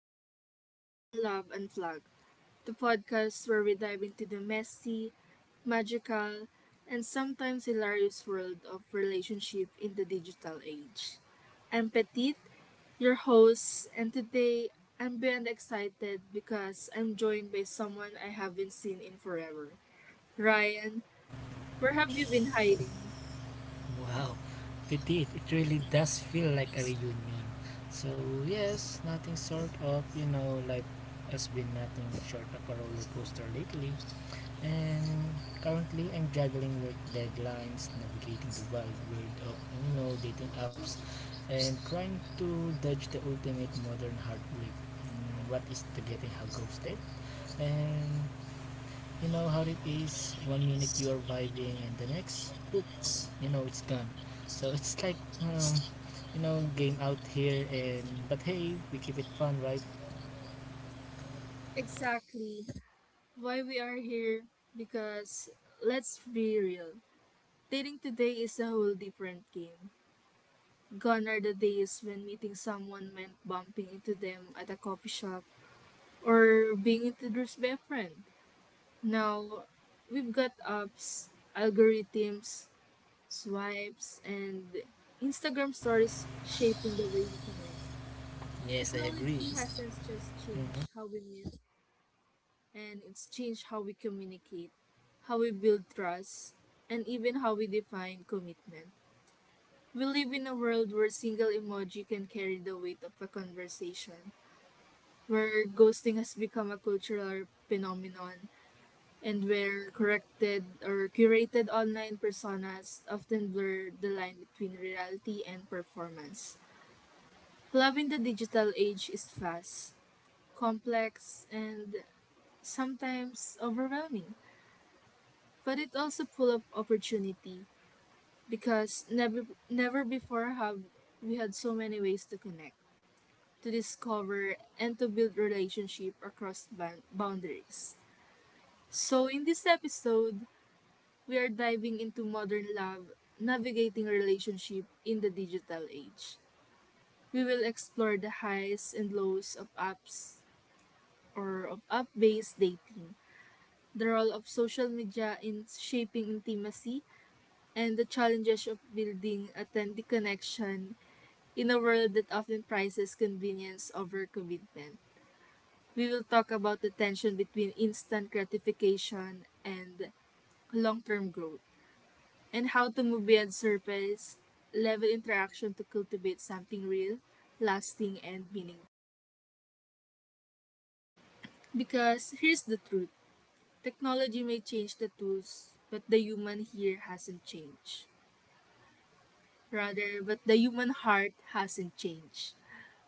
Welcome to Modern Love Unplugged, the podcast where we dive into the messy, magical, and sometimes hilarious world of relationship in the digital age. I'm Petite, your host, and today I'm beyond excited because I'm joined by someone I haven't seen in forever. Ryan, where have you been hiding? Wow, it did. It really does feel like a reunion. So yes, nothing sort of you know like has been nothing short of a roller coaster lately. And currently, I'm juggling work deadlines, navigating the wild world of dating apps, and trying to dodge the ultimate modern heartbreak. What is the getting how ghosted? And you know how it is, one minute you're vibing and the next boop. You know it's gone. So it's like, um, you know, game out here. And but hey, we keep it fun, right? Exactly. Why we are here? Because let's be real. Dating today is a whole different game. Gone are the days when meeting someone meant bumping into them at a coffee shop or being introduced by a friend. Now, we've got apps, algorithms, swipes, and Instagram stories shaping the way we connect. Yes, I agree. Technology hasn't just Mhm. changed how we meet, and it's changed how we communicate, how we build trust, and even how we define commitment. We live in a world where single emoji can carry the weight of a conversation, where ghosting has become a cultural phenomenon, and where corrected or curated online personas often blur the line between reality and performance. Love in the digital age is fast, complex, and sometimes overwhelming, but it also full of opportunity because never before have we had so many ways to connect, to discover and to build relationship across boundaries. So in this episode, we are diving into modern love, navigating relationship in the digital age. We will explore the highs and lows of apps, or of app-based dating, the role of social media in shaping intimacy, and the challenges of building authentic connection in a world that often prizes convenience over commitment. We will talk about the tension between instant gratification and long term growth, and how to move beyond surface level interaction to cultivate something real, lasting, and meaningful. Because here's the truth: technology may change the tools, but the human heart hasn't changed.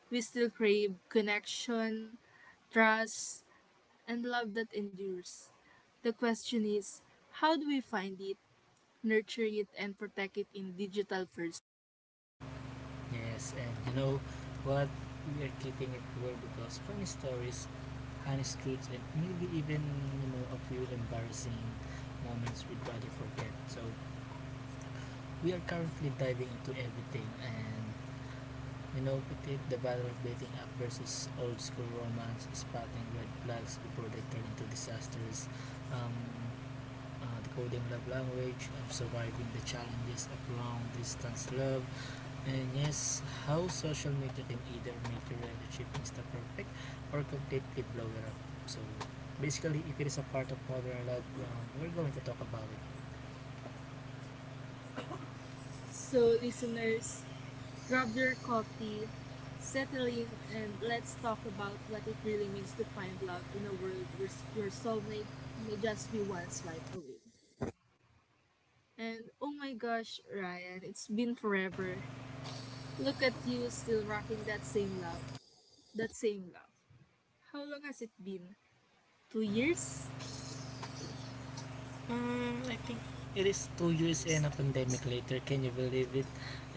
We still crave connection, trust, and love that endures. The question is, how do we find it, nurture it, and protect it in digital first? Yes, and you know what? We are keeping it real because funny stories, honest truths, and maybe even a few embarrassing moments we'd rather forget. So we are currently diving into everything, and denoted the battle of dating up versus old school romance, spotting red flags before they turn into disasters, um, decoding love language, surviving the challenges of long distance love, and yes, how social media can either make your relationship insta perfect or completely blow it up. So basically, if it is a part of modern love, we're going to talk about it. So, listeners, grab your coffee, settle in, and let's talk about what it really means to find love in a world where your soulmate may just be one swipe away. And oh my gosh, Ryan, it's been forever. Look at you still rocking that same love. That same love. How long has it been? 2 years? I think it is 2 years and a pandemic later. Can you believe it?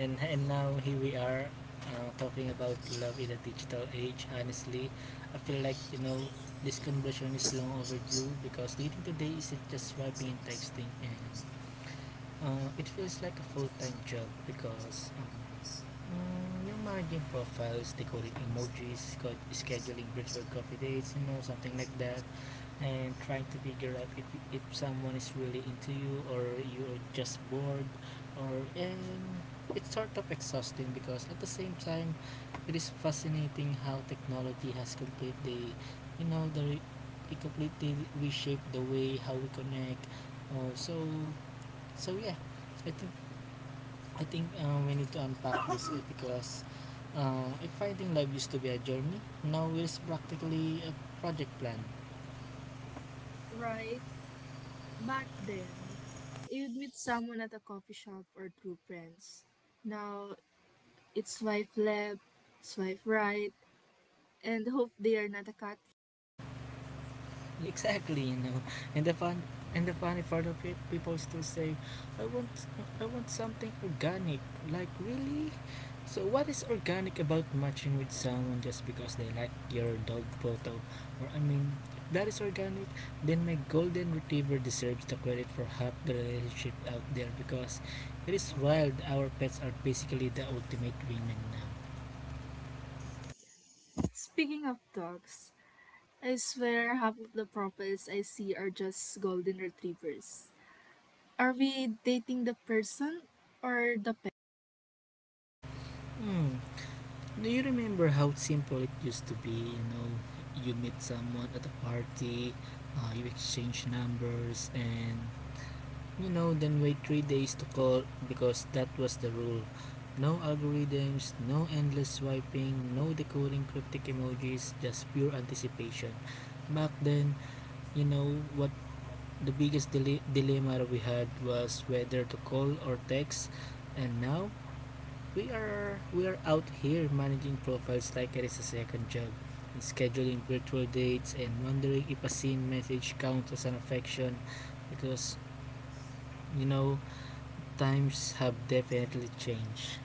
And now here we are talking about love in the digital age. Honestly, I feel like, you know, this conversation is long overdue because dating today isn't just swiping and texting, and it feels like a full time job because. Yung managing profiles, decoding emojis, scheduling virtual coffee dates, you know, something like that, and trying to figure out if someone is really into you or you're just bored, or. And it's sort of exhausting because at the same time, it is fascinating how technology has completely, you know, the re- it completely reshaped the way how we connect. Uh, so, so yeah, I think I think we need to unpack this, eh, because if fighting life used to be a journey, now it is practically a project plan. Right? Back then, you'd meet someone at a coffee shop or through friends. Now, it's swipe left, swipe right, and hope they are not a cat. Exactly, you know. And the fun and the funny part of it, people still say, "I want I want something organic." Like, really? So what is organic about matching with someone just because they like your dog photo? Or I mean, if that is organic, then my golden retriever deserves the credit for half the relationship out there because it is wild, our pets are basically the ultimate women now. Speaking of dogs, I swear half of the profiles I see are just golden retrievers. Are we dating the person or the pet? Hmm. Do you remember how simple it used to be? You know, you meet someone at a party, you exchange numbers, and, you know, then wait 3 days to call because that was the rule. No algorithms, no endless swiping, no decoding cryptic emojis, just pure anticipation. Back then, you know, what the biggest dilemma we had was whether to call or text, and now we are out here managing profiles like it is a second job, and scheduling virtual dates and wondering if a seen message counts as an affection because, you know, times have definitely changed.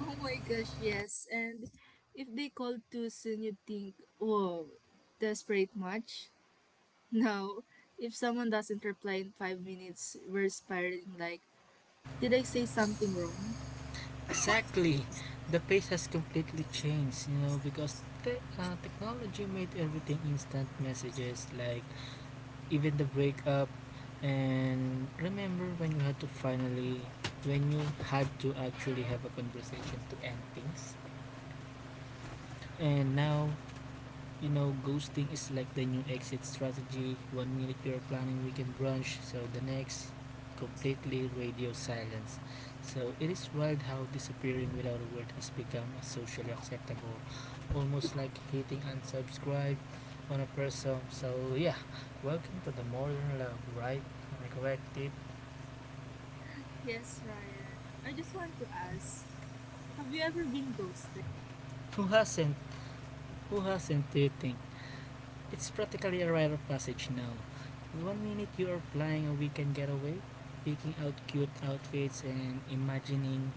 Oh my gosh, yes. And if they call too soon, you'd think, whoa, desperate much? No, if someone doesn't reply in 5 minutes, we're spiraling like, did I say something wrong? Exactly. The pace has completely changed, you know, because technology made everything instant messages, like even the breakup. And remember when you had to finally, when you had to actually have a conversation to end things. And now, you know, ghosting is like the new exit strategy. One minute you're planning weekend brunch, so the next, completely radio silence. So it is wild how disappearing without a word has become a socially acceptable, almost like hitting unsubscribe on a person. So yeah, welcome to the modern love, right? Am I correct, Tit? Yes, Ryan. I just want to ask, have you ever been ghosted? Who hasn't? Who hasn't? Do you It's practically a rite of passage now. In one minute you are flying a weekend getaway, picking out cute outfits and imagining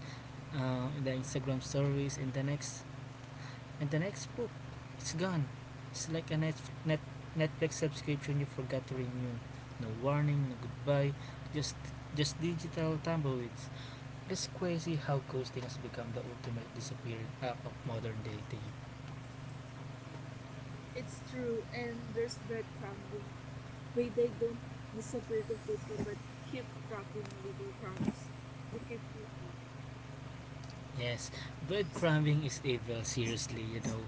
the Instagram stories, and the next, book, it's gone. It's like a Netflix subscription you forgot to renew. No warning, no goodbye, just just digital tumbleweeds. It's crazy how ghosting has become the ultimate disappearing act of modern dating. It's true, and there's breadcrumbing. Wait, they don't disappear completely, but keep dropping little crumbs to keep you hooked. Yes, breadcrumbing is evil, seriously, you know.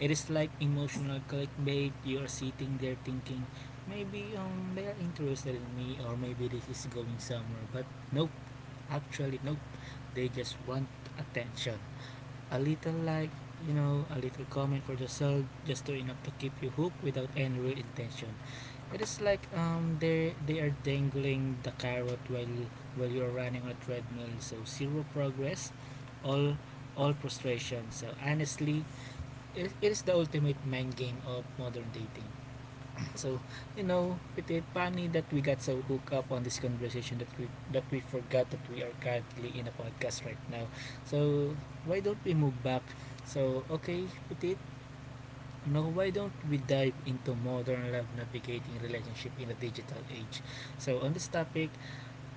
It is like emotional clickbait. You are sitting there thinking, maybe they are interested in me, or maybe this is going somewhere. But nope, actually, nope. They just want attention. A little like, you know, a little comment for the soul, just to enough to keep you hooked without any real intention. It is like, they are dangling the carrot while you're running on a treadmill. So zero progress, all all frustration. So honestly, it is the ultimate mind game of modern dating. So, you know, it is funny that we got so hooked up on this conversation that we forgot that we are currently in a podcast right now. So, why don't we move back? So, okay, Petit, no, why don't we dive into modern love navigating relationship in the digital age? So, on this topic,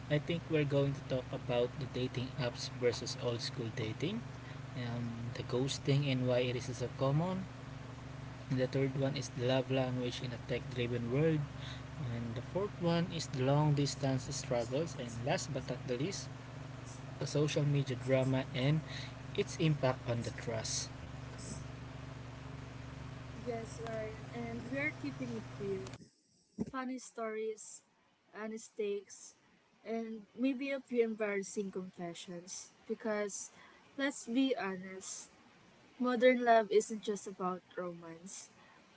I think we're going to talk about the dating apps versus old school dating, the ghosting and why it is so common. And the third one is the love language in a tech-driven world. And the fourth one is the long distance struggles. And last but not the least, the social media drama and its impact on the trust. Yes, Ryan, and we are keeping it real: funny stories, mistakes, and maybe a few embarrassing confessions. Because, let's be honest, modern love isn't just about romance,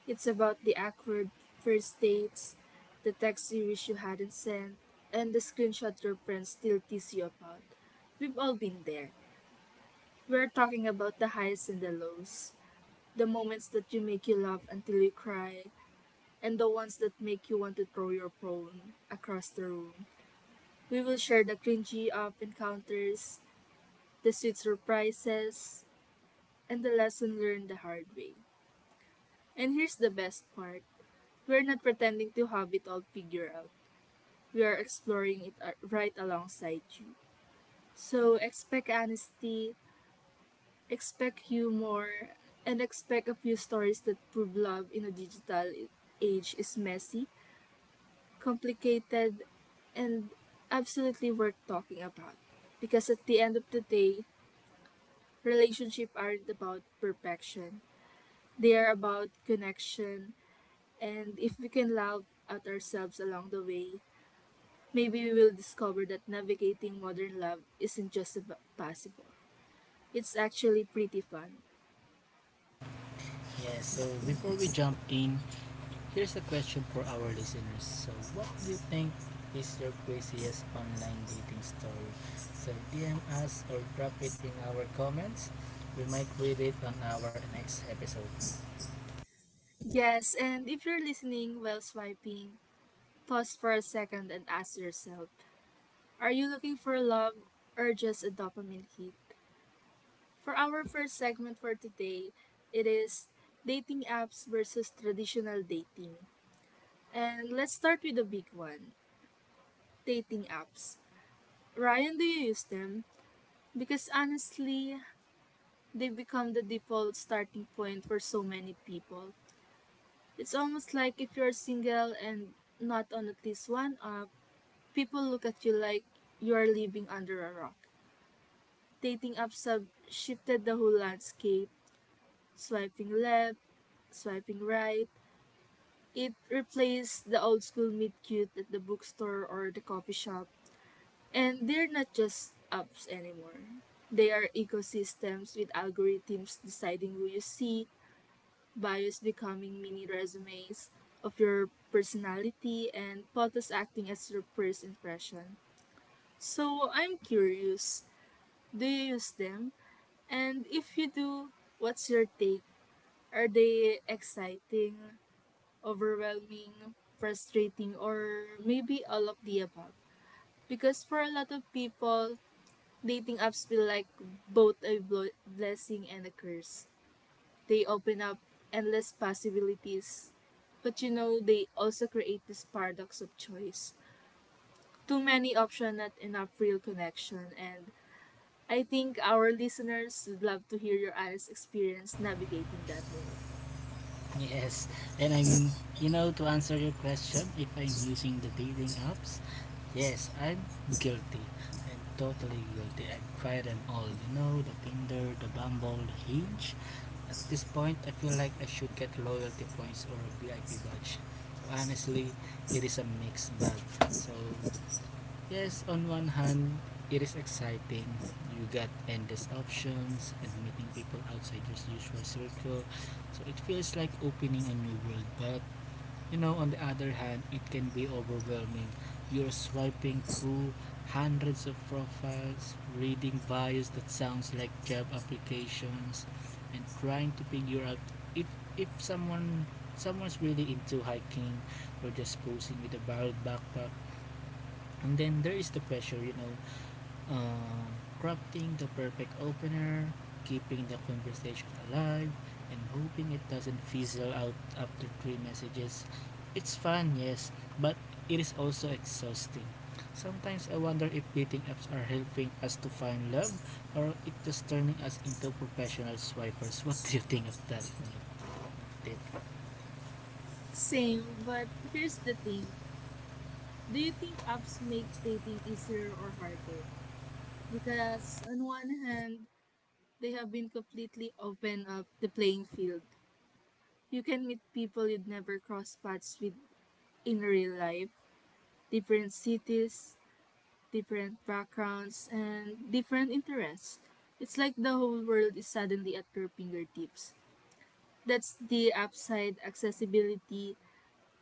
it's about the awkward first dates, the text you wish you hadn't sent, and the screenshot your friends still tease you about. We've all been there. We're talking about the highs and the lows, the moments that you make you laugh until you cry, and the ones that make you want to throw your phone across the room. We will share the cringy up encounters, the sweet surprises, and the lesson learned the hard way. And here's the best part: we're not pretending to have it all figured out, we are exploring it right alongside you. So expect honesty, expect humor, and expect a few stories that prove love in a digital age is messy, complicated, and absolutely worth talking about. Because at the end of the day, relationships aren't about perfection, they are about connection. And if we can laugh at ourselves along the way, maybe we will discover that navigating modern love isn't just possible. It's actually pretty fun. Yes, so before we jump in, here's a question for our listeners. So, what do you think is your craziest online dating story? So, DM us or drop it in our comments. We might read it on our next episode. Yes, and if you're listening while swiping, pause for a second and ask yourself: are you looking for love or just a dopamine hit? For our first segment for today, it is dating apps versus traditional dating. And let's start with the big one: dating apps. Ryan, do you use them? Because honestly, they become the default starting point for so many people. It's almost like if you're single and not on at least one app, people look at you like you're living under a rock. Dating apps have shifted the whole landscape, swiping left, swiping right. It replaced the old school meet cute at the bookstore or the coffee shop. And they're not just apps anymore. They are ecosystems with algorithms deciding who you see, bios becoming mini resumes of your personality, and photos acting as your first impression. So I'm curious, do you use them? And if you do, what's your take? Are they exciting, overwhelming, frustrating, or maybe all of the above? Because for a lot of people, dating apps feel like both a blessing and a curse. They open up endless possibilities, but you know, they also create this paradox of choice. Too many options, not enough real connection, and I think our listeners would love to hear your honest experience navigating that world. Yes, and you know, to answer your question, if I'm using the dating apps, yes, I'm guilty. I'm totally guilty. I've tried them all, you know, the Tinder, the Bumble, the Hinge. At this point, I feel like I should get loyalty points or VIP badge. So honestly, it is a mixed bag. So yes, on one hand, it is exciting. You get endless options and meeting people outside your usual circle. So it feels like opening a new world. But, you know, on the other hand, it can be overwhelming. You're swiping through hundreds of profiles, reading bios that sounds like job applications, and trying to figure out if, if someone's really into hiking or just posing with a borrowed backpack. And then there is the pressure, you know, uh, crafting the perfect opener, keeping the conversation alive, and hoping it doesn't fizzle out after three messages. It's fun, yes, but it is also exhausting. Sometimes I wonder if dating apps are helping us to find love or if it is turning us into professional swipers. What do you think of that, Tip? Same, but here's the thing: do you think apps make dating easier or harder? Because on one hand, they have been completely open up the playing field. You can meet people you'd never cross paths with in real life, different cities, different backgrounds, and different interests. It's like the whole world is suddenly at your fingertips. That's the upside: accessibility,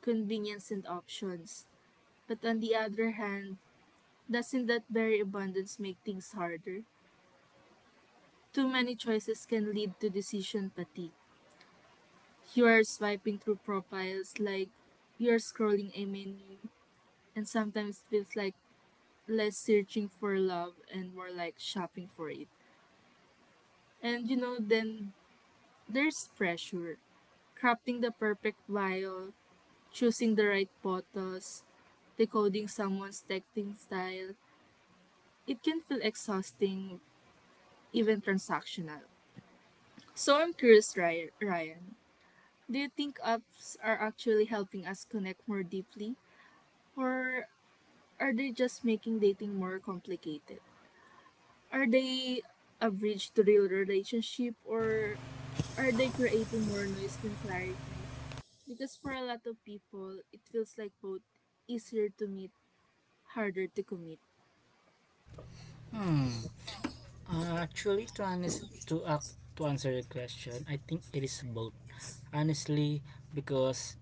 convenience, and options. But on the other hand, doesn't that very abundance make things harder? Too many choices can lead to decision fatigue. You are swiping through profiles like you are scrolling a menu, and sometimes it feels like less searching for love and more like shopping for it. And you know, then there's pressure. Crafting the perfect vial, choosing the right photos, decoding someone's texting style, it can feel exhausting, even transactional. So I'm curious, Ryan. Do you think apps are actually helping us connect more deeply? Or are they just making dating more complicated? Are they a bridge to real relationship or are they creating more noise than clarity? Because for a lot of people, it feels like both: easier to meet, harder to commit. Hmm. Actually, to honest, to act, To answer your question, I think it is both. Honestly, because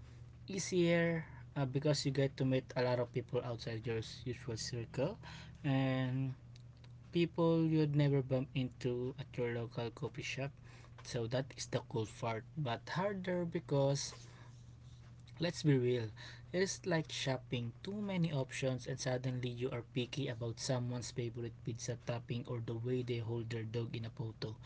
easier because you get to meet a lot of people outside your usual circle and people you'd never bump into at your local coffee shop, so that is the cool part. But harder because, let's be real, it is like shopping. Too many options and suddenly you are picky about someone's favorite pizza topping or the way they hold their dog in a photo.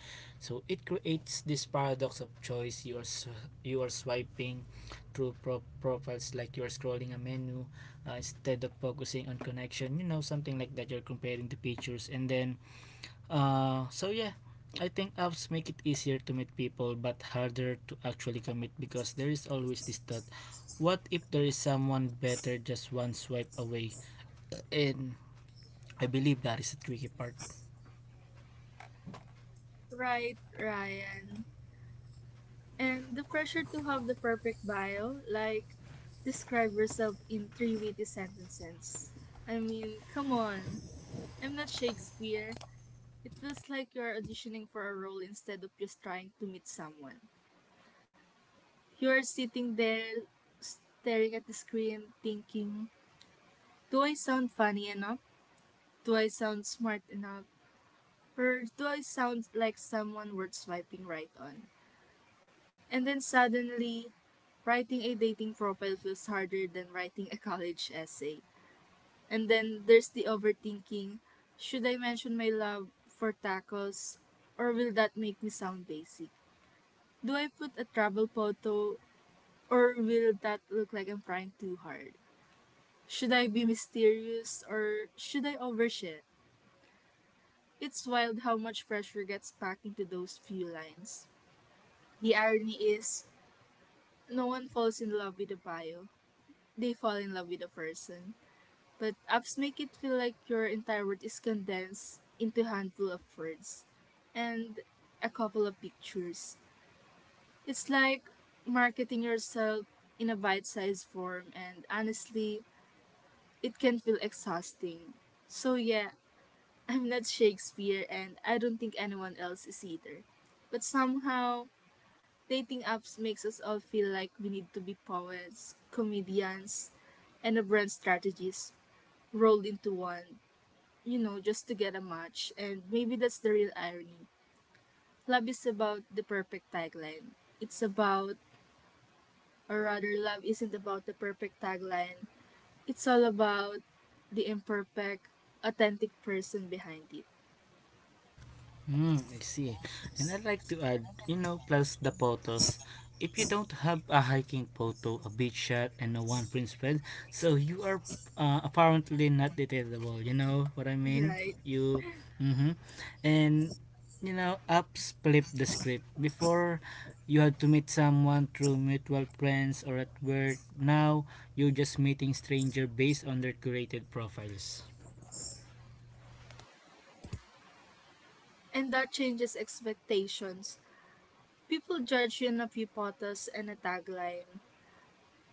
So it creates this paradox of choice. You are swiping through profiles like you are scrolling a menu, instead of focusing on connection. You know, something like that. You're comparing the pictures and then. So yeah, I think apps make it easier to meet people but harder to actually commit because there is always this thought, what if there is someone better just one swipe away? And I believe that is the tricky part. Right, Ryan. And the pressure to have the perfect bio, like describe yourself in three witty sentences. I mean, come on. I'm not Shakespeare. It feels like you are auditioning for a role instead of just trying to meet someone. You are sitting there staring at the screen thinking, do I sound funny enough? Do I sound smart enough? Or do I sound like someone worth swiping right on? And then suddenly, writing a dating profile feels harder than writing a college essay. And then there's the overthinking: should I mention my love for tacos or will that make me sound basic? Do I put a travel photo or will that look like I'm trying too hard? Should I be mysterious or should I overshare? It's wild how much pressure gets packed into those few lines. The irony is, no one falls in love with a bio. They fall in love with a person. But apps make it feel like your entire world is condensed into a handful of words and a couple of pictures. It's like marketing yourself in a bite sized form, and honestly, it can feel exhausting. So, yeah, I'm not Shakespeare, and I don't think anyone else is either. But somehow, dating apps makes us all feel like we need to be poets, comedians, and a brand strategist rolled into one, you know, just to get a match. And maybe that's the real irony. Love is about the perfect tagline. It's about, or rather, Love isn't about the perfect tagline. It's all about the imperfect, authentic person behind it. Hmm, I see. And I'd like to add, you know, plus the photos. If you don't have a hiking photo, a beach shot, and a one print spread, so you are apparently not detailable. You know what I mean? Right. You, mm-hmm. and You know, apps flip the script. Before, you had to meet someone through mutual friends or at work. Now, you're just meeting stranger based on their curated profiles. And that changes expectations. People judge you on a few photos and a tagline.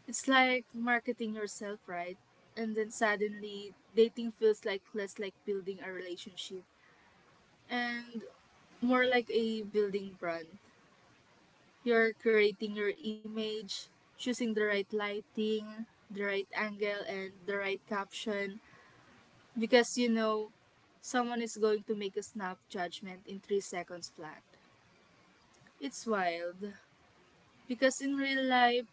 It's like marketing yourself, right? And then suddenly, dating feels like less like building a relationship. And more like a building brand. You're creating your image, choosing the right lighting, the right angle, and the right caption because you know someone is going to make a snap judgment in 3 seconds flat. It's wild because in real life,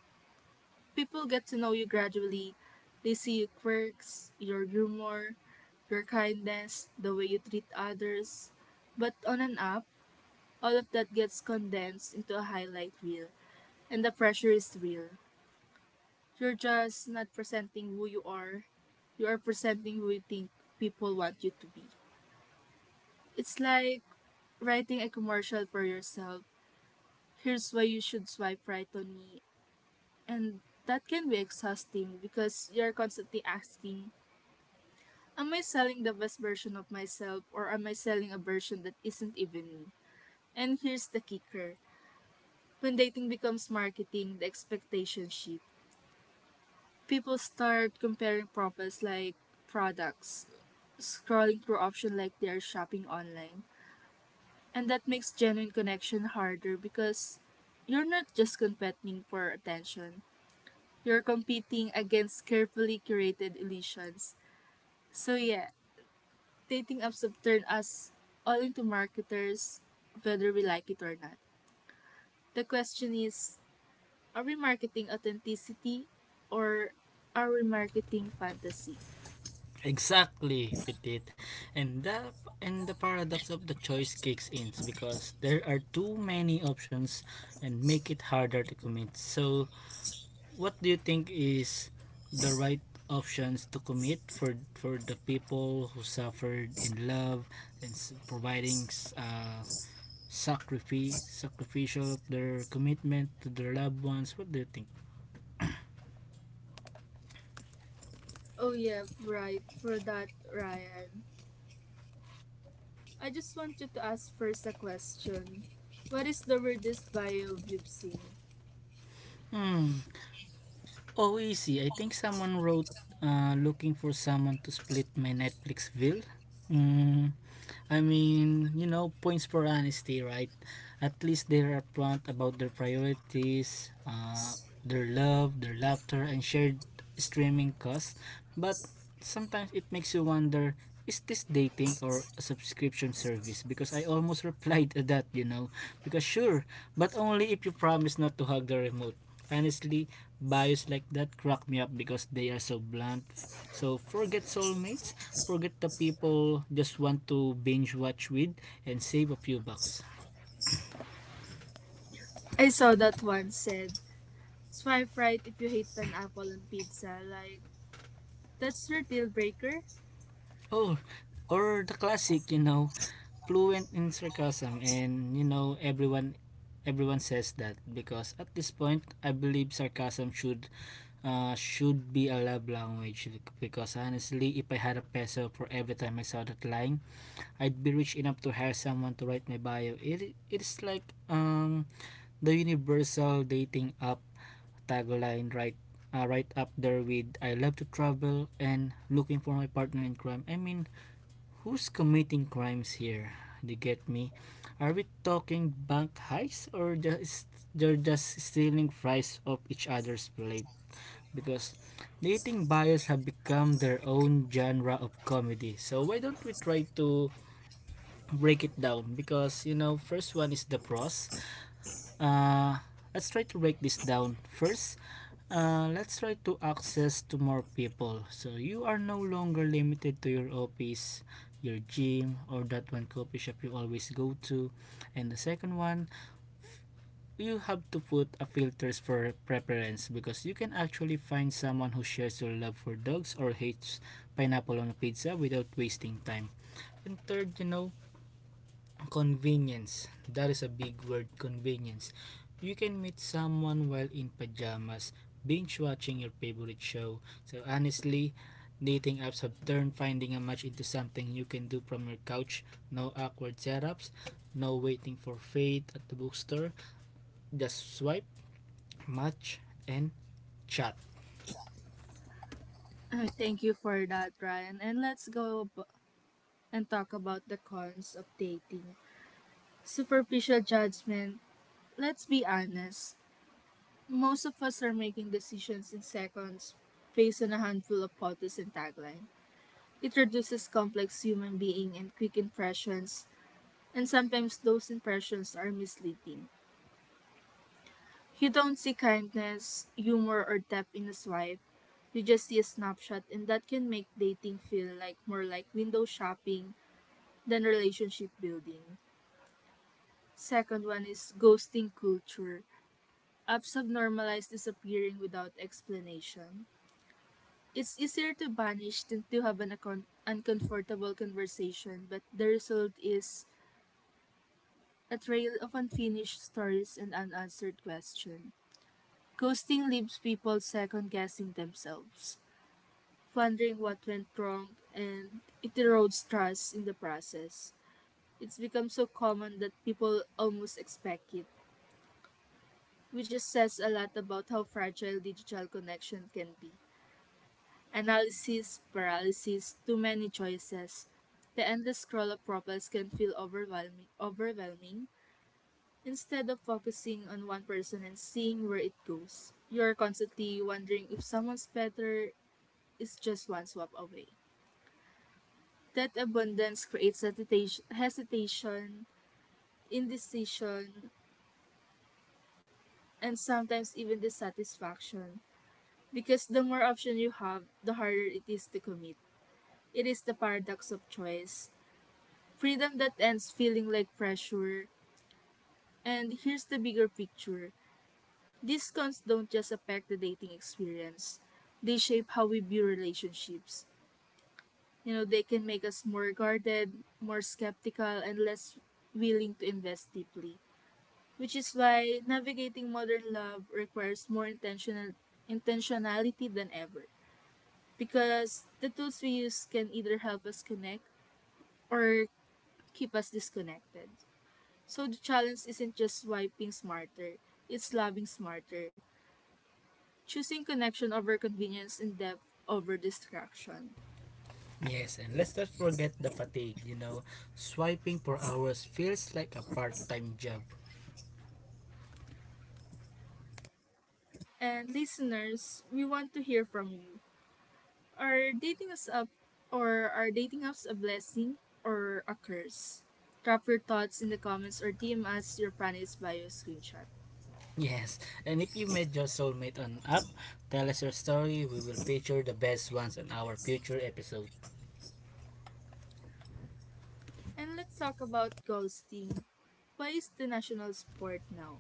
people get to know you gradually. They see your quirks, your humor, your kindness, the way you treat others. But on an app, all of that gets condensed into a highlight reel. And the pressure is real. You're just not presenting who you are presenting who you think people want you to be. It's like writing a commercial for yourself. Here's why you should swipe right on me. And that can be exhausting because you're constantly asking, am I selling the best version of myself or am I selling a version that isn't even me? And here's the kicker: when dating becomes marketing, the expectation shift. People start comparing profits like products, scrolling through options like they're shopping online. And that makes genuine connection harder because you're not just competing for attention, you're competing against carefully curated illusions. So, yeah, dating apps have turned us all into marketers, whether we like it or not. The question is, are we marketing authenticity or are we marketing fantasy? Exactly, Petit. And the and the paradox of the choice kicks in because there are too many options and make it harder to commit. So, what do you think is the right options to commit for the people who suffered in love and providing sacrifice sacrificial of their commitment to their loved ones? What do you think? Oh, yeah, right, for that, Ryan. I just wanted to ask first a question. What is the weirdest bio you've seen? Hmm. Oh, easy. I think someone wrote, looking for someone to split my Netflix bill. Mm, I mean, you know, points for honesty, right? At least they're upfront about their priorities, their love, their laughter, and shared streaming costs. But sometimes it makes you wonder, is this dating or a subscription service? Because I almost replied to that, you know. Because sure, but only if you promise not to hug the remote. Honestly, bios like that crack me up because they are so blunt. So forget soulmates, forget the people just want to binge watch with and save a few bucks. I saw that one said, swipe right if you hate pineapple on pizza. Like, that's your deal breaker? Oh, or the classic, fluent in sarcasm and you know everyone says that because at this point I believe sarcasm should be a love language because honestly if I had a peso for every time I saw that line I'd be rich enough to hire someone to write my bio. It's like the universal dating app tagline, right? Right up there with I love to travel and looking for my partner in crime. I mean, who's committing crimes here? They get me. Are we talking bank heists or just they're just stealing fries off each other's plate? Because dating bias have become their own genre of comedy. So why don't we try to break it down? Because you know, first one is the pros, uh, let's try to break this down. First, let's try to access to more people. So you are no longer limited to your office, your gym, or that one coffee shop you always go to. And the second one, you have to put a filters for preference because you can actually find someone who shares your love for dogs or hates pineapple on a pizza without wasting time. And third, you know, convenience. That is a big word, convenience. You can meet someone while in pajamas, binge watching your favorite show. So honestly, dating apps have turned finding a match into something you can do from your couch. No awkward setups, no waiting for fate at the bookstore. Just swipe, match, and chat. Thank you for that, Ryan. And and talk about the cons of dating. Superficial judgment. Let's be honest. Most of us are making decisions in seconds based on a handful of photos and taglines. It reduces complex human being and quick impressions, and sometimes those impressions are misleading. You don't see kindness, humor, or depth in a swipe. You just see a snapshot, and that can make dating feel like more like window shopping than relationship building. Second one is ghosting culture. Apps have normalized disappearing without explanation. It's easier to vanish than to have an uncomfortable conversation, but the result is a trail of unfinished stories and unanswered questions. Ghosting leaves people second guessing themselves, wondering what went wrong, and it erodes trust in the process. It's become so common that people almost expect it, which just says a lot about how fragile digital connection can be. Analysis, paralysis, too many choices. The endless scroll of profiles can feel overwhelming. Instead of focusing on one person and seeing where it goes, you are constantly wondering if someone's better is just one swap away. That abundance creates hesitation, indecision, and sometimes even dissatisfaction because the more options you have, the harder it is to commit. It is the paradox of choice. Freedom that ends feeling like pressure. And here's the bigger picture: these cons don't just affect the dating experience. They shape how we view relationships. You know, they can make us more guarded, more skeptical, and less willing to invest deeply, which is why navigating modern love requires more intentionality than ever. Because the tools we use can either help us connect or keep us disconnected. So the challenge isn't just swiping smarter, it's loving smarter, choosing connection over convenience and depth over distraction. Yes, and let's not forget the fatigue, you know. Swiping for hours feels like a part-time job. And listeners, we want to hear from you. Are dating us up, or are dating apps a blessing or a curse? Drop your thoughts in the comments or DM us your planet's bio screenshot. Yes, and if you met your soulmate on app, tell us your story. We will feature the best ones on our future episode. And let's talk about ghosting. Why is the national sport now?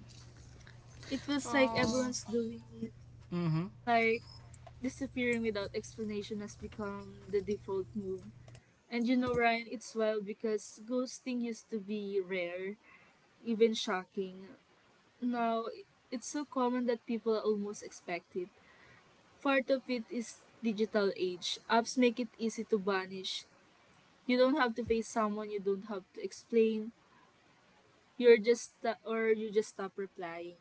It feels like Oh. everyone's doing it. Mm-hmm. Like, disappearing without explanation has become the default move. And you know, Ryan, it's wild because ghosting used to be rare, even shocking. Now, it's so common that people almost expect it. Part of it is digital age. Apps make it easy to banish. You don't have to face someone, you don't have to explain. You just stop replying.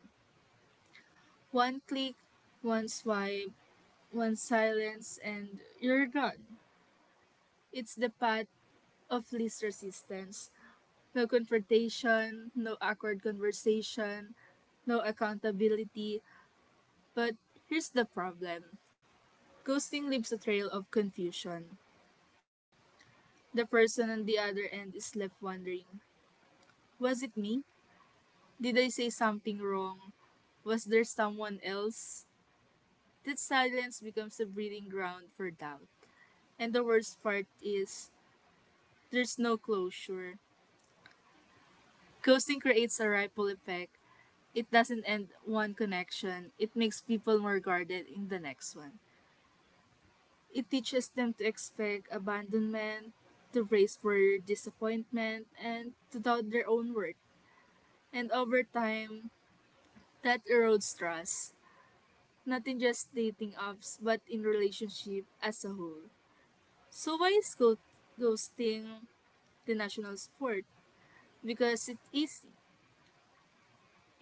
One click, one swipe, one silence, and you're gone. It's the path of least resistance. No confrontation, no awkward conversation, no accountability. But here's the problem: ghosting leaves a trail of confusion. The person on the other end is left wondering, was it me? Did I say something wrong? Was there someone else? That silence becomes a breeding ground for doubt. And the worst part is, there's no closure. Ghosting creates a ripple effect. It doesn't end one connection, it makes people more guarded in the next one. It teaches them to expect abandonment, to brace for disappointment, and to doubt their own worth. And over time, that erodes trust, not in just dating apps, but in relationship as a whole. So why is ghosting the national sport? Because it's easy,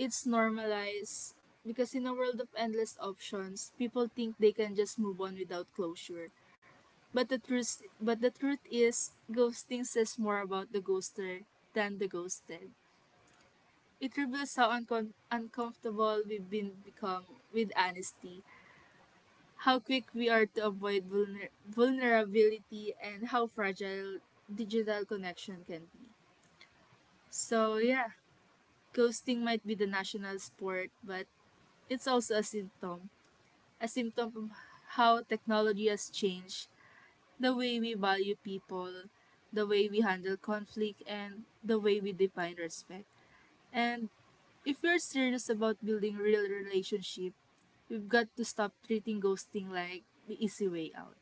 it's normalized, because in a world of endless options, people think they can just move on without closure. But the truth is, ghosting says more about the ghoster than the ghosted. It reveals how uncomfortable we've been become with honesty, how quick we are to avoid vulnerability, and how fragile digital connection can be. So yeah, ghosting might be the national sport, but it's also a symptom, a symptom of how technology has changed the way we value people, the way we handle conflict, and the way we define respect. And if we're serious about building real relationship, we've got to stop treating ghosting like the easy way out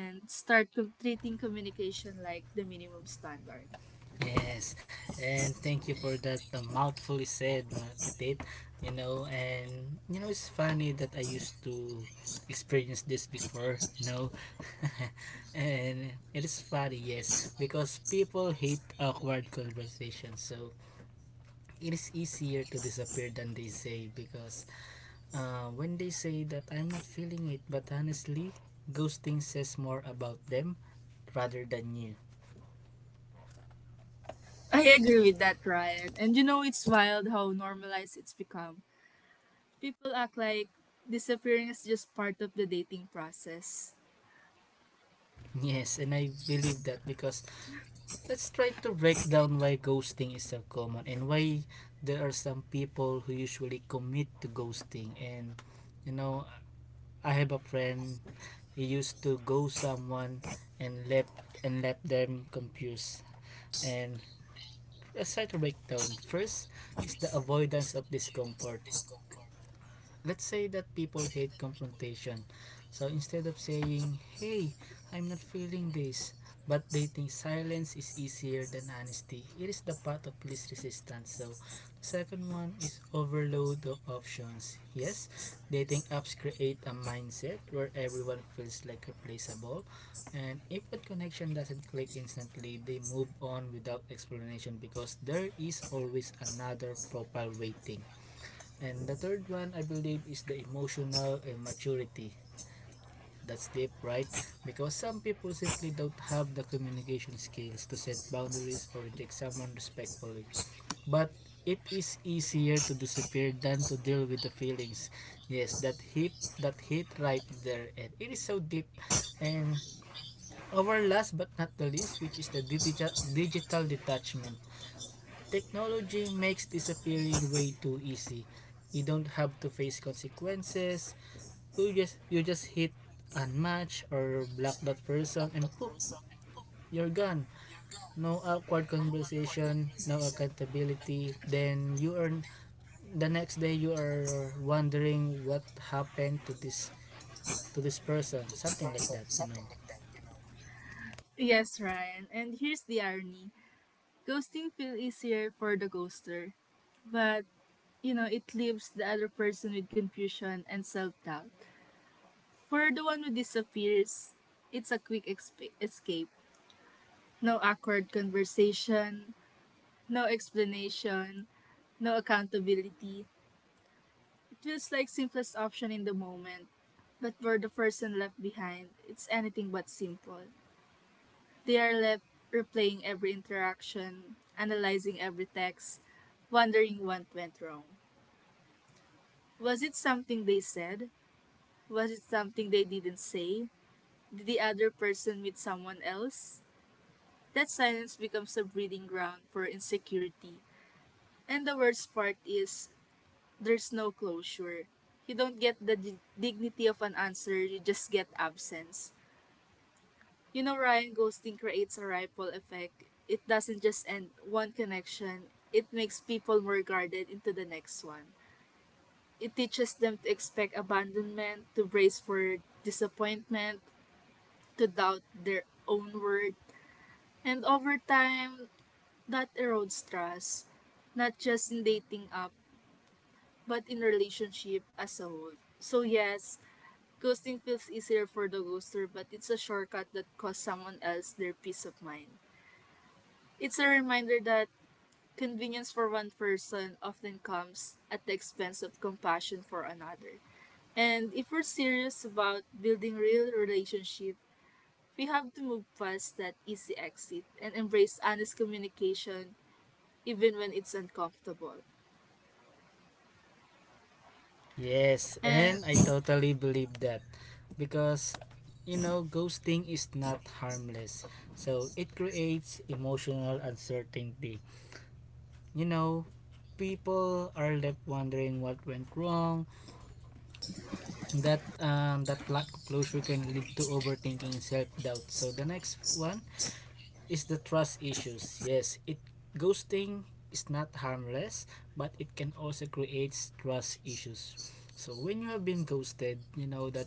and start treating communication like the minimum standard. Yes, and thank you for that mouthfully said, mga Petit. You know, and you know it's funny that I used to experience this before. You know, and it is funny, yes, because people hate awkward conversations. So it is easier to disappear than they say because uh, when they say that I'm not feeling it, but honestly, ghosting says more about them rather than you. I agree with that, Ryan. And you know, it's wild how normalized it's become. People act like disappearing is just part of the dating process. Yes, and I believe that because let's try to break down why ghosting is so common and why there are some people who usually commit to ghosting. And you know, I have a friend, he used to ghost someone and left them confused. And let's try to break down. First is the avoidance of discomfort. Let's say that people hate confrontation. So instead of saying, "Hey, I'm not feeling this," but they think silence is easier than honesty. It is the path of least resistance. So the second one is overload of options. Yes, dating apps create a mindset where everyone feels like replaceable. And if a connection doesn't click instantly, they move on without explanation because there is always another profile waiting. And the third one, I believe, is the emotional immaturity. That's deep, right? Because some people simply don't have the communication skills to set boundaries or reject someone respectfully. But it is easier to disappear than to deal with the feelings. Yes, that hit right there and it is so deep. And our last but not the least, which is the digital detachment. Technology makes disappearing way too easy. You don't have to face consequences. You just hit unmatch or block that person and poof, you're gone. No awkward conversation, no accountability. Then you are the next day you are wondering what happened to this person, something like that, you know. Yes, Ryan. And here's the irony: ghosting feels easier for the ghoster, but you know, it leaves the other person with confusion and self doubt. For the one who disappears, it's a quick escape. No awkward conversation, no explanation, no accountability. It feels like simplest option in the moment, but for the person left behind, it's anything but simple. They are left replaying every interaction, analyzing every text, wondering what went wrong. Was it something they said? Was it something they didn't say? Did the other person meet someone else? That silence becomes a breeding ground for insecurity. And the worst part is, there's no closure. You don't get the dignity of an answer, you just get absence. You know, Ryan, ghosting creates a ripple effect. It doesn't just end one connection, it makes people more guarded into the next one. It teaches them to expect abandonment, to brace for disappointment, to doubt their own worth. And over time, that erodes trust, not just in dating app, but in relationship as a whole. So yes, ghosting feels easier for the ghoster, but it's a shortcut that costs someone else their peace of mind. It's a reminder that convenience for one person often comes at the expense of compassion for another. And if we're serious about building real relationship, we have to move past that easy exit and embrace honest communication even when it's uncomfortable. Yes, and I And totally believe that because you know, ghosting is not harmless. So it creates emotional uncertainty. You know, people are left wondering what went wrong. That lack of closure can lead to overthinking and self-doubt. So the next one is the trust issues. Yes, it ghosting is not harmless, but it can also create trust issues. So when you have been ghosted, you know that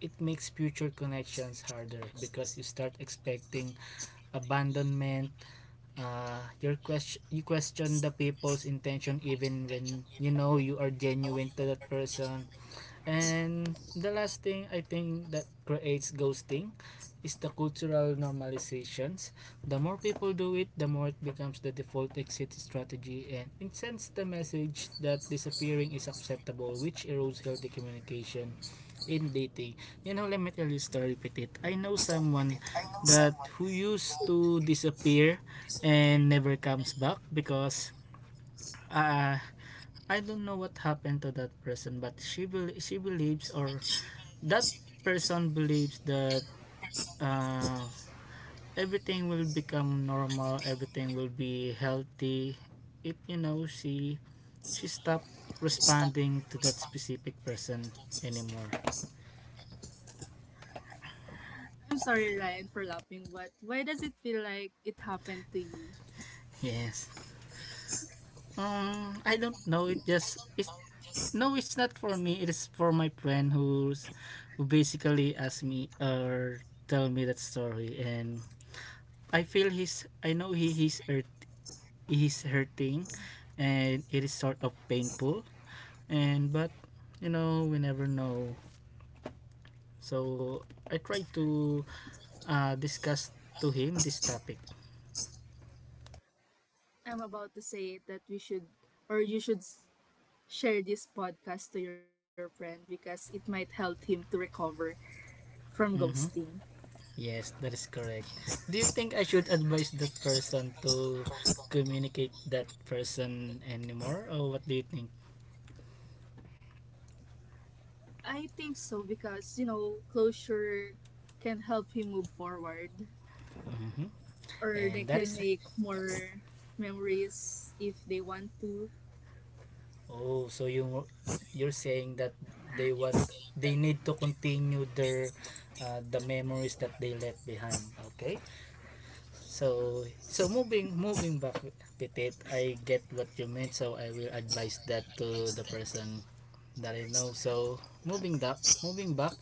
it makes future connections harder because you start expecting abandonment. Your question, the people's intention even when you know you are genuine to that person. And the last thing I think that creates ghosting is the cultural normalizations. The more people do it, the more it becomes the default exit strategy and it sends the message that disappearing is acceptable, which erodes healthy communication in dating. You know, let me tell you a story, Petit. I know someone that who used to disappear and never comes back because uh, I don't know what happened to that person, but she believes, or that person believes that uh, everything will become normal, everything will be healthy if you know she stopped responding to that specific person anymore. I'm sorry Ryan for laughing, but why does it feel like it happened to you? Yes, I don't know, it just it's no, it's not for me, it is for my friend who's who basically asked me or tell me that story. And I feel he's I know he's hurt, is hurting, and it is sort of painful. And but you know we never know. So I try to discuss to him this topic. I'm about to say that we should or you should share this podcast to your friend because it might help him to recover from Mm-hmm. ghosting. Yes, that is correct. Do you think I should advise that person to communicate that person anymore, or what do you think? I think so because you know closure can help him move forward, Mm-hmm. or And they that is, can make more memories if they want to. oh, so you you're saying that they want, they need to continue their the memories that they left behind. Okay? So so moving back, Petit, I get what you meant, so I will advise that to the person that I know. So moving back,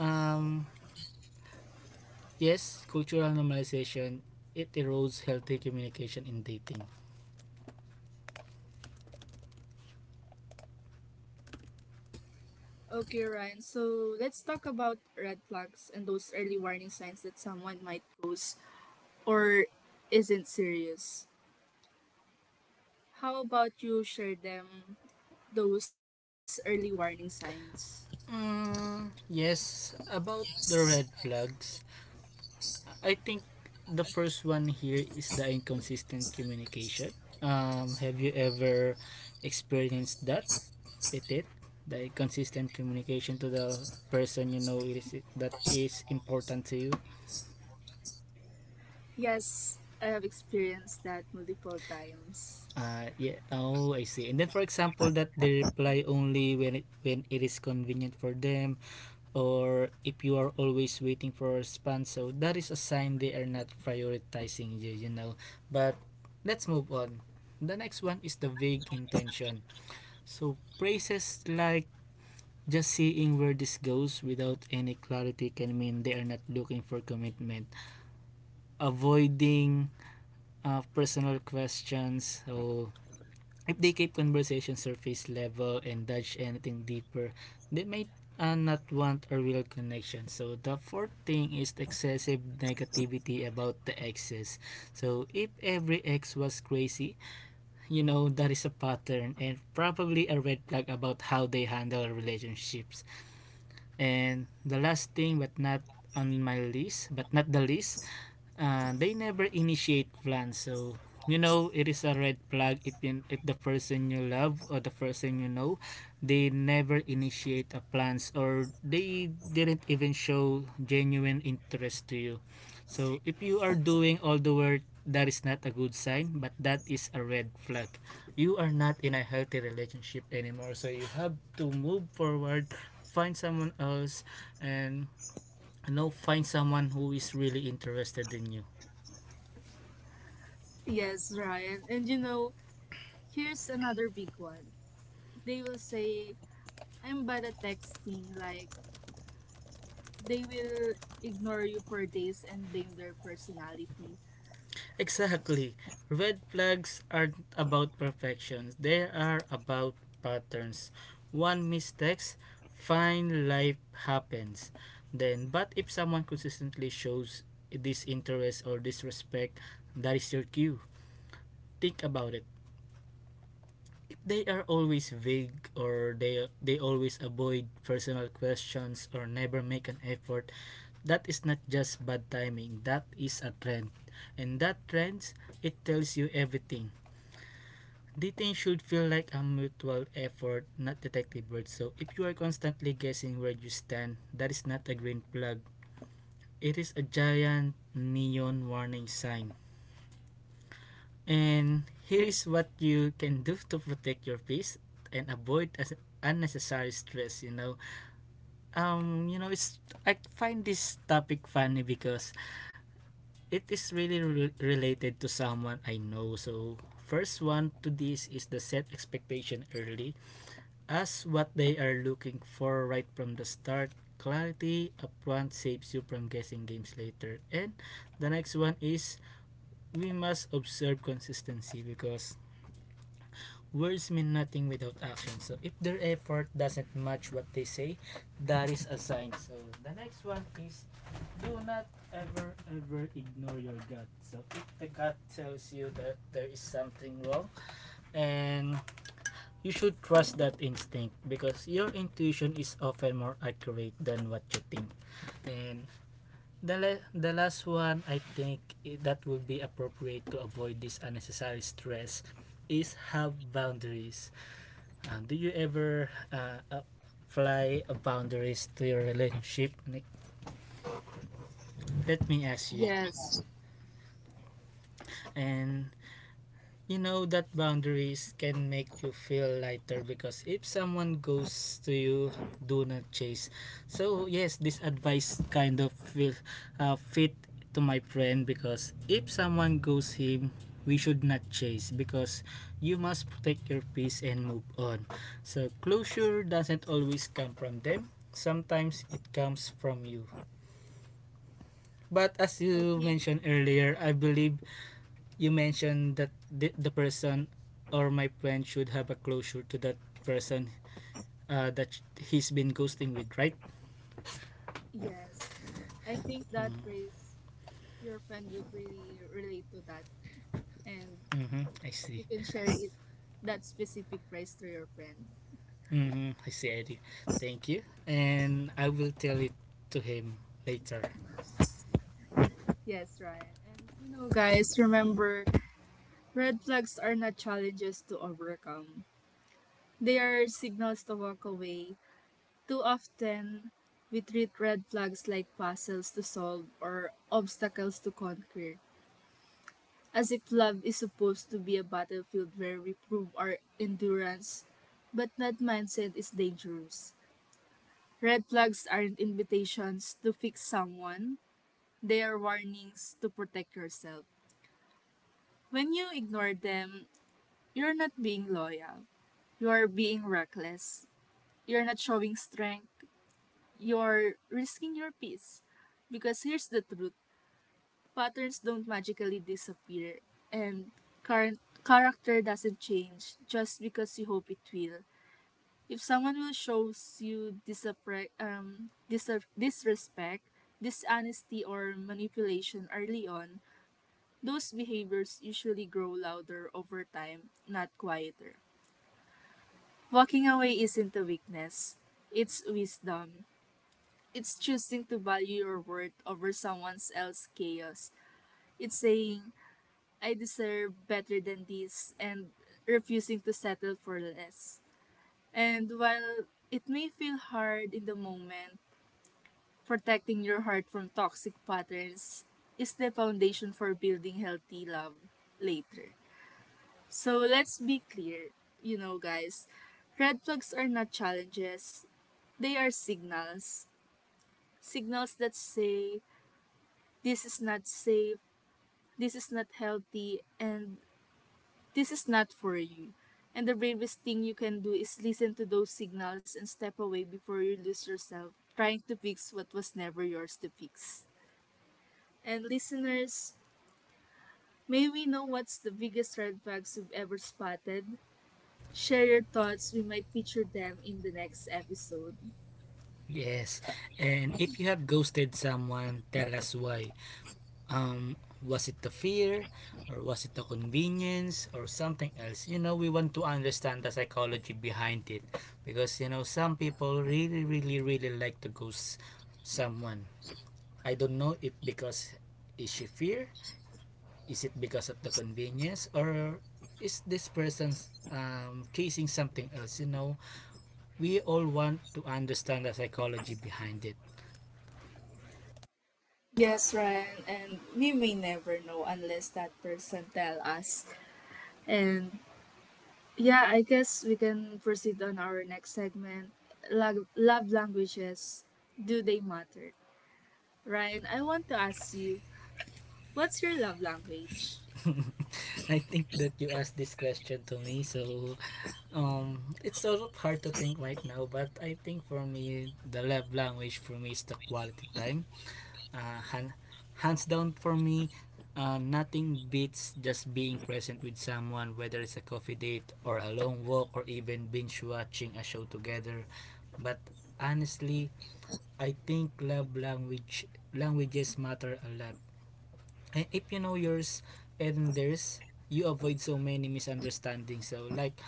um yes, cultural normalization, it erodes healthy communication in dating. Okay, Ryan. So let's talk about red flags and those early warning signs that someone might pose or isn't serious. How about you share them, those early warning signs? Mm, yes, about the red flags, I think the first one here is the inconsistent communication. Have you ever experienced that with the inconsistent communication to the person you know is that is important to you? Yes, I have experienced that multiple times. Yeah. Oh, I see. And then for example, that they reply only when it is convenient for them, or if you are always waiting for a response, so that is a sign they are not prioritizing you, you know. But let's move on. The next one is the vague intention. So phrases like just seeing where this goes without any clarity can mean they are not looking for commitment. Avoiding personal questions, so if they keep conversation surface level and dodge anything deeper, they might not want a real connection. So the fourth thing is excessive negativity about the exes. So if every ex was crazy, you know that is a pattern and probably a red flag about how they handle relationships. And the last thing, but not on my list, but not the least, they never initiate plans. So you know it is a red flag if, in, if the person you love or the person you know, they never initiate a plans or they didn't even show genuine interest to you. So if you are doing all the work, that is not a good sign, but that is a red flag. You are not in a healthy relationship anymore, so you have to move forward, find someone else. And you know, find someone who is really interested in you. Yes, Ryan. And you know, here's another big one. They will say, I'm bad at texting. Like, they will ignore you for days and blame their personality. Exactly. Red flags aren't about perfections. They are about patterns. One mistakes, fine, life happens. Then, but if someone consistently shows disinterest or disrespect, that is your cue. Think about it. If they are always vague, or they always avoid personal questions or never make an effort, that is not just bad timing. That is a trend. And that trend, it tells you everything. Dating should feel like a mutual effort, not detective work. So if you are constantly guessing where you stand, that is not a green flag. It is a giant neon warning sign. And here is what you can do to protect your peace and avoid as unnecessary stress, you know. You know it's I find this topic funny because it is really related to someone I know. So first one to this is the set expectation early as what they are looking for right from the start. Clarity upfront saves you from guessing games later. And the next one is we must observe consistency because words mean nothing without action. So if their effort doesn't match what they say, that is a sign. So the next one is do not ever ignore your gut. So if the gut tells you that there is something wrong, and you should trust that instinct because your intuition is often more accurate than what you think. And the, the last one, I think that would be appropriate to avoid this unnecessary stress is have boundaries. Do you ever apply boundaries to your relationship, Nick? Let me ask you. Yes. And you know that boundaries can make you feel lighter because if someone goes to you, do not chase. So yes, this advice kind of feel fit to my friend, because if someone goes him, we should not chase because you must protect your peace and move on. So closure doesn't always come from them, sometimes it comes from you. But as I you think, mentioned earlier, I believe you mentioned that the person or my friend should have a closure to that person, that he's been ghosting with, right? yes. I think that Mm-hmm. phrase, your friend would really relate to that. And Mm-hmm. I you see. can share it, that specific phrase, to your friend. Mm-hmm. I see. I see. Thank you. And I will tell it to him later. Yes, Ryan. And you know, guys, remember, red flags are not challenges to overcome, they are signals to walk away. Too often, we treat red flags like puzzles to solve or obstacles to conquer, as if love is supposed to be a battlefield where we prove our endurance, but that mindset is dangerous. Red flags aren't invitations to fix someone, they are warnings to protect yourself. When you ignore them, you're not being loyal, you are being reckless, you're not showing strength, you're risking your peace. Because here's the truth: patterns don't magically disappear, and current character doesn't change just because you hope it will. If someone will shows you disrespect, dishonesty, or manipulation early on, those behaviors usually grow louder over time, not quieter. Walking away isn't a weakness, it's wisdom. It's choosing to value your worth over someone else's chaos. It's saying, I deserve better than this, and refusing to settle for less. And while it may feel hard in the moment, protecting your heart from toxic patterns is the foundation for building healthy love later. So let's be clear, you know, guys, red flags are not challenges, they are signals. Signals that say, this is not safe, this is not healthy, and this is not for you. And the bravest thing you can do is listen to those signals and step away before you lose yourself trying to fix what was never yours to fix. And listeners, may we know what's the biggest red flags you've ever spotted? Share your thoughts. We might feature them in the next episode. Yes. And if you have ghosted someone, tell us why. um, was it the fear, or was it the convenience, or something else? You know, we want to understand the psychology behind it, because you know, some people really, really, really like to ghost someone. I don't know if because is she fear, is it because of the convenience, or is this person's chasing something else? You know, we all want to understand the psychology behind it. Yes, Ryan, and we may never know unless that person tell us. And yeah, I guess we can proceed on our next segment. Love languages. Do they matter? Ryan, I want to ask you, what's your love language? I think that you asked this question to me, so it's sort of hard to think right now. But I think for me, the love language for me is the quality time. Uh, han- Hands down for me, nothing beats just being present with someone, whether it's a coffee date or a long walk or even binge watching a show together. But honestly, I think love language languages matter a lot. And if you know yours and theirs, you avoid so many misunderstandings. So, like,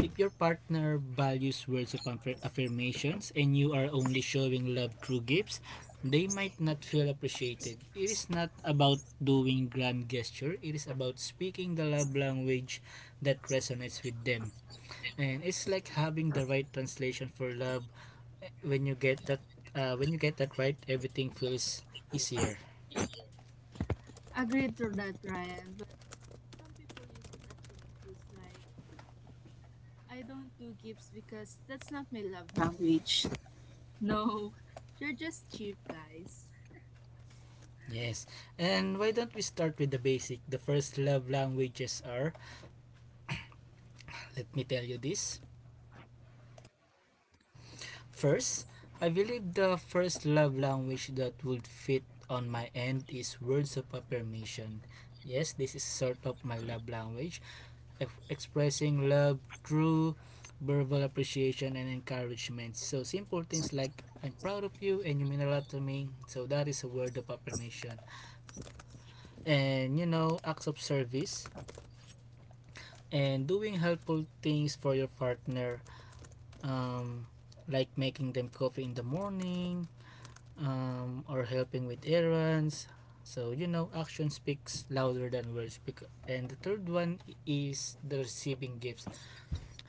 if your partner values words of affirmations and you are only showing love through gifts, they might not feel appreciated. It is not about doing grand gesture. It is about speaking the love language that resonates with them. And it's like having the right translation for love. When you get that, when you get that right, everything feels easier. Agreed to that, Ryan, but some people use it as an excuse like, I don't do gifts because that's not my love language. No, you're just cheap, guys. Yes. And why don't we start with the basic? The first love languages are, let me tell you this. First, I believe the first love language that would fit on my end is words of affirmation. Yes, this is sort of my love language. Expressing love through verbal appreciation and encouragement. So simple things like I'm proud of you and you mean a lot to me. So that is a word of affirmation. And you know, acts of service and doing helpful things for your partner, um, like making them coffee in the morning, or helping with errands. So, you know, action speaks louder than words. And the third one is the receiving gifts.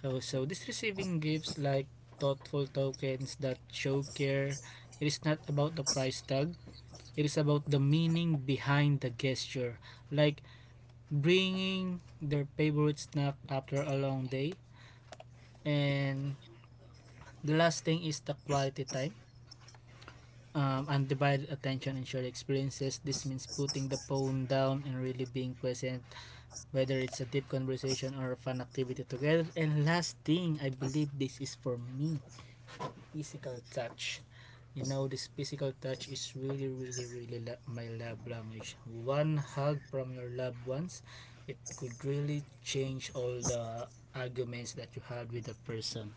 So, this receiving gifts, like thoughtful tokens that show care, it is not about the price tag, it is about the meaning behind the gesture. Like bringing their favorite snack after a long day. And the last thing is the quality time. Undivided attention and shared experiences. This means putting the phone down and really being present, whether it's a deep conversation or a fun activity together. And last thing, I believe this is for me, physical touch. You know, this physical touch is really, really, my love language. One hug from your loved ones, it could really change all the arguments that you had with the person.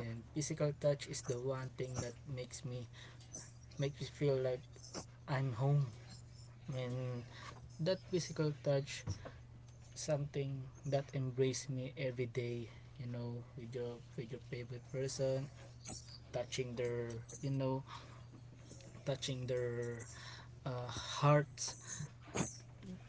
And physical touch is the one thing that makes me feel like I'm home. I mean, that physical touch, something that embrace me every day. You know, with your favorite person, touching their, you know, touching their hearts,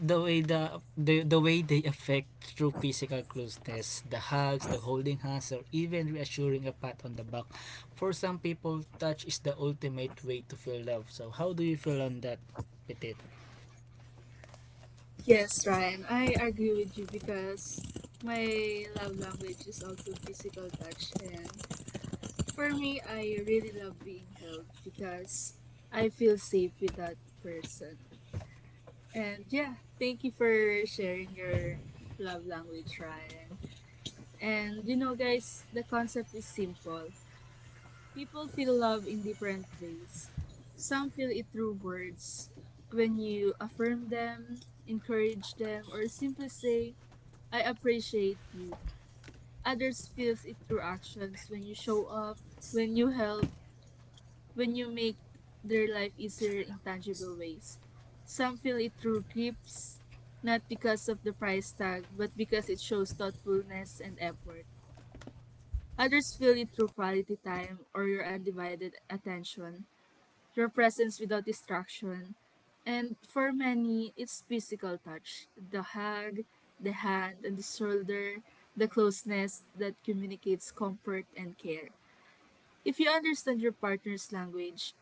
the way the way they affect through physical closeness, the hugs, the holding hands, or even reassuring a pat on the back. For some people, touch is the ultimate way to feel love. So how do you feel on that, Petit? Yes, Ryan, I agree with you because my love language is also physical touch. And for me, I really love being held because I feel safe with that person. And yeah, thank you for sharing your love language, Ryan. And you know, guys, the concept is simple. People feel love in different ways. Some feel it through words, when you affirm them, encourage them, or simply say, I appreciate you. Others feels it through actions when you show up, when you help, when you make their life easier in tangible ways. Some feel it through gifts, not because of the price tag, but because it shows thoughtfulness and effort. Others feel it through quality time or your undivided attention, your presence without distraction. And for many, it's physical touch, the hug, the hand, and the shoulder, the closeness that communicates comfort and care. If you understand your partner's language,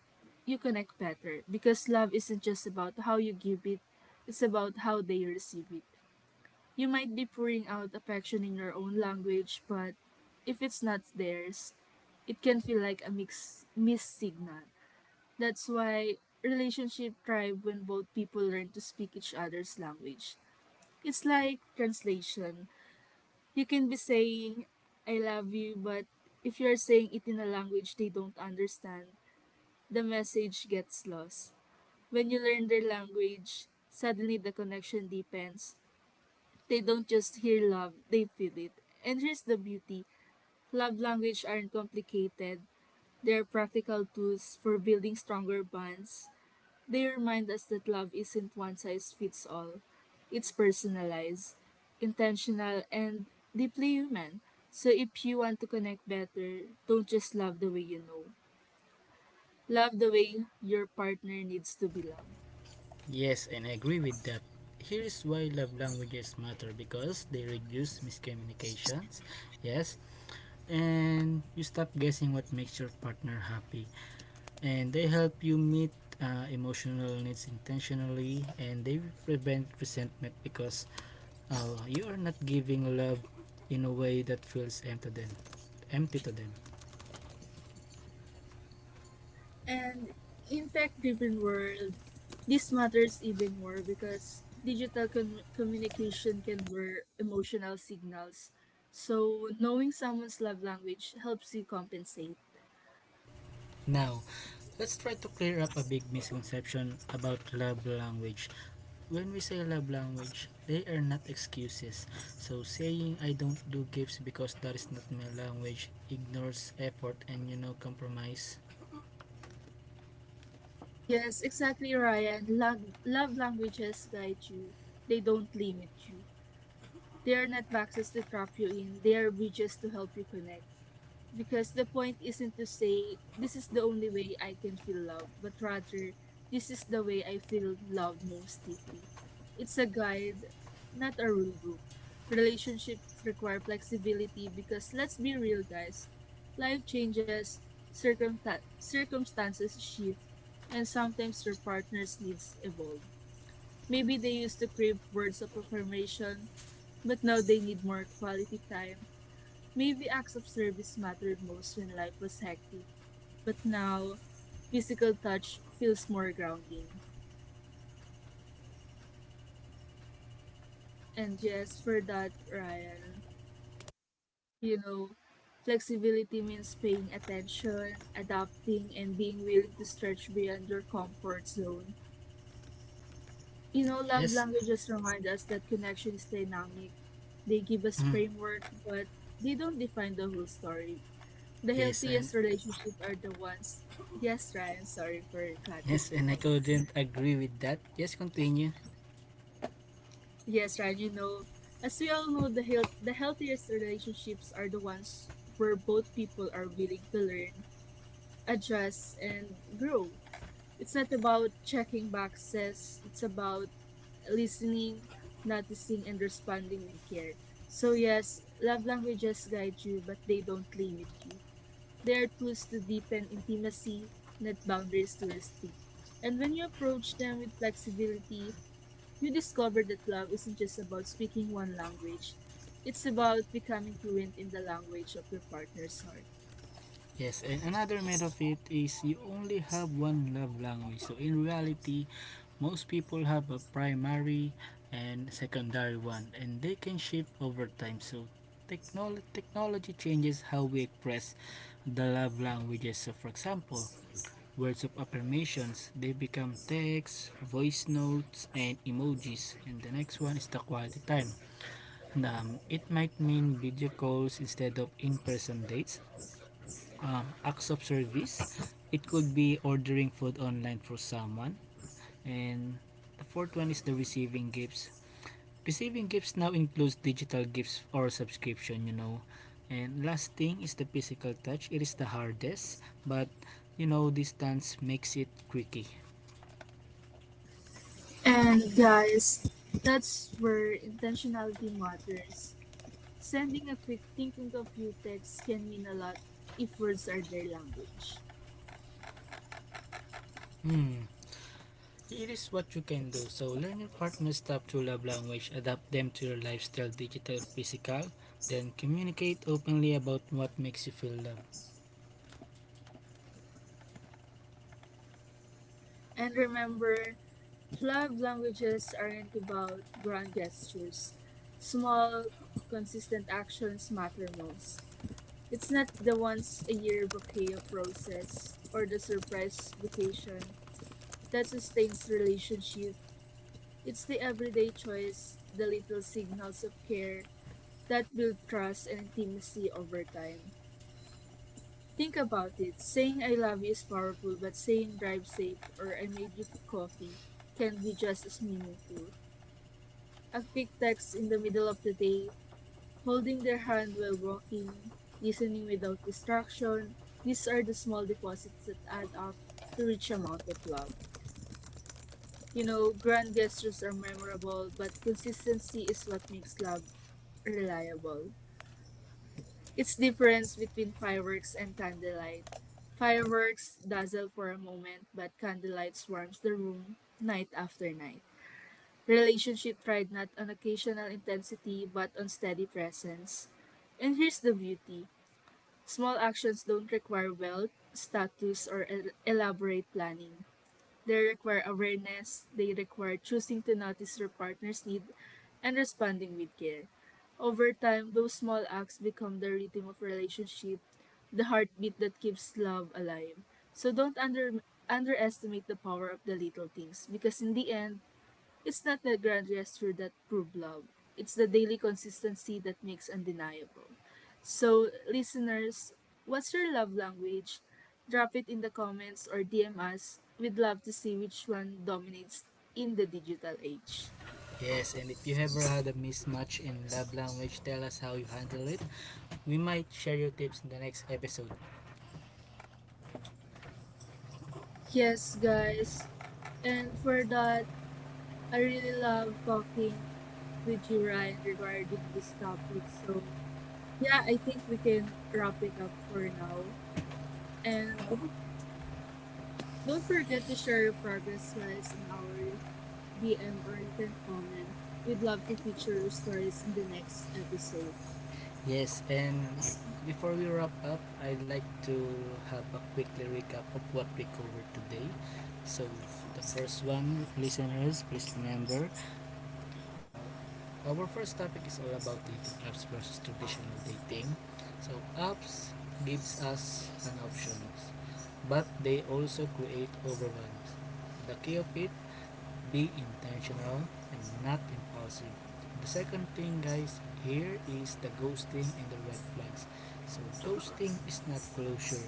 you connect better because love isn't just about how you give it, it's about how they receive it. You might be pouring out affection in your own language, but if it's not theirs, it can feel like a mix, missed signal. That's why relationship thrive when both people learn to speak each other's language. It's like translation. You can be saying, I love you, but if you are saying it in a language they don't understand, the message gets lost. When you learn their language, suddenly the connection deepens. They don't just hear love, they feel it. And here's the beauty, love language aren't complicated, they are practical tools for building stronger bonds. They remind us that love isn't one size fits all, it's personalized, intentional, and deeply human. So if you want to connect better, don't just love the way you know. Love the way your partner needs to be loved. Yes, and I agree with that. Here is why love languages matter: because they reduce miscommunications. Yes, and you stop guessing what makes your partner happy. And they help you meet emotional needs intentionally, and they prevent resentment because you are not giving love in a way that feels empty to them. And in tech-driven world, this matters even more because digital communication can blur emotional signals. So knowing someone's love language helps you compensate. Now let's try to clear up a big misconception about love language. When we say love language, they are not excuses. So saying I don't do gifts because that is not my language ignores effort and, you know, compromise. Yes, exactly, Ryan. Love languages guide you. They don't limit you. They are not boxes to trap you in. They are bridges to help you connect, because the point isn't to say this is the only way I can feel love, but rather this is the way I feel love most deeply. It's a guide, not a rule book. Relationships require flexibility because let's be real, guys, life changes, circumstances shift, and sometimes your partner's needs evolve. Maybe they used to crave words of affirmation, but now they need more quality time. Maybe acts of service mattered most when life was hectic, but now physical touch feels more grounding. And yes, for that, Ryan, you know, flexibility means paying attention, adapting, and being willing to stretch beyond your comfort zone. You know, love Yes. languages remind us that connection is dynamic. They give us mm, framework, but they don't define the whole story. The yes, and healthiest relationships are the ones. Yes, Ryan, sorry for cutting yes, you and I off. couldn't agree with that. Yes, continue. Yes, Ryan, you know, as we all know, the healthiest relationships are the ones where both people are willing to learn, adjust, and grow. It's not about checking boxes, it's about listening, noticing, and responding with care. So, yes, love languages guide you, but they don't limit you. They are tools to deepen intimacy, not boundaries to restrict. And when you approach them with flexibility, you discover that love isn't just about speaking one language, it's about becoming fluent in the language of your partner's heart. Yes, and another myth of it is you only have one love language. So in reality, most people have a primary and secondary one, and they can shift over time. So technology changes how we express the love languages. So for example, words of affirmations, they become text, voice notes, and emojis. And the next one is the quality time. It might mean video calls instead of in-person dates, acts of service. It could be ordering food online for someone. And the fourth one is the receiving gifts. Receiving gifts now includes digital gifts or subscription, you know. And last thing is the physical touch. It is the hardest, but you know, distance makes it tricky. And guys, that's where intentionality matters. Sending a quick thinking of you text can mean a lot if words are their language. Hmm. Here is what you can do. So learn your partner's top two love language, adapt them to your lifestyle, digital or physical, then communicate openly about what makes you feel loved. And remember, love languages aren't about grand gestures. Small, consistent actions matter most. It's not the once a year bouquet of roses or the surprise vacation that sustains relationship. It's the everyday choice, the little signals of care that build trust and intimacy over time. Think about it. Saying I love you is powerful, but saying drive safe or I made you coffee can be just as meaningful. A quick text in the middle of the day, holding their hand while walking, listening without distraction. These are the small deposits that add up to rich amount of love. You know, grand gestures are memorable, but consistency is what makes love reliable. It's difference between fireworks and candlelight. Fireworks dazzle for a moment, but candlelight swarms the room night after night. Relationship tried not on occasional intensity, but on steady presence. And here's the beauty. Small actions don't require wealth, status, or elaborate planning. They require awareness, they require choosing to notice your partner's need and responding with care. Over time, those small acts become the rhythm of relationship, the heartbeat that keeps love alive. So don't under underestimate the power of the little things because in the end, it's not the grand gesture that proved love. It's the daily consistency that makes undeniable. So, listeners, what's your love language? Drop it in the comments or DM us. We'd love to see which one dominates in the digital age. Yes, and if you ever had a mismatch in love language, tell us how you handle it. We might share your tips in the next episode. Yes, guys. And for that, I really love talking with you, Ryan, regarding this topic. So, yeah, I think we can wrap it up for now. And don't forget to share your progress slides on our DM or you can comment. We'd love to feature your stories in the next episode. Yes, and before we wrap up, I'd like to have a quickly recap of what we covered today. So, the first one, listeners, please remember. Our first topic is all about dating apps versus traditional dating. So apps gives us an options, but they also create overwhelms. The key of it: be intentional and not impulsive. The second thing, guys, here is the ghosting and the red flags. So ghosting is not closure,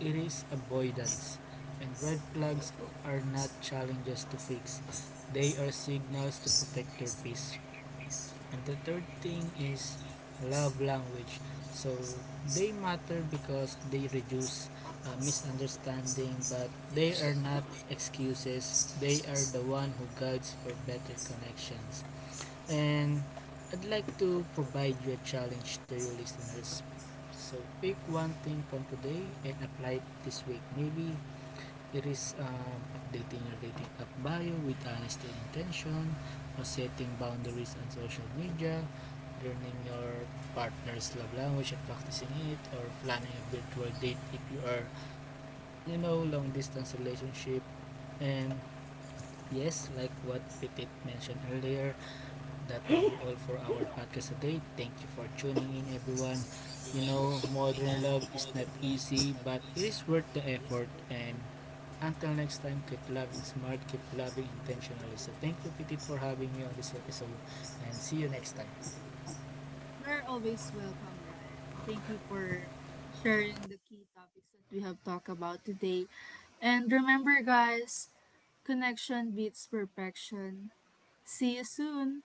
it is avoidance. And red flags are not challenges to fix. They are signals to protect your peace. And the third thing is love language. So they matter because they reduce misunderstanding, but they are not excuses. They are the one who guides for better connections. And I'd like to provide you a challenge to your listeners. So pick one thing from today and apply it this week. Maybe it is updating your dating app bio with honesty and intention, or setting boundaries on social media, learning your partner's love language and practicing it, or planning a virtual date if you are, you know, long distance relationship. And yes, like what Petit mentioned earlier, that will be all for our podcast today. Thank you for tuning in, everyone. You know, modern love is not easy, but it is worth the effort. And until next time, keep loving smart, keep loving intentionally. So thank you, Petit, for having me on this episode, and see you next time. You're always welcome, Ryan, and thank you for sharing the key topics that we have talked about today. And remember, guys, connection beats perfection. See you soon!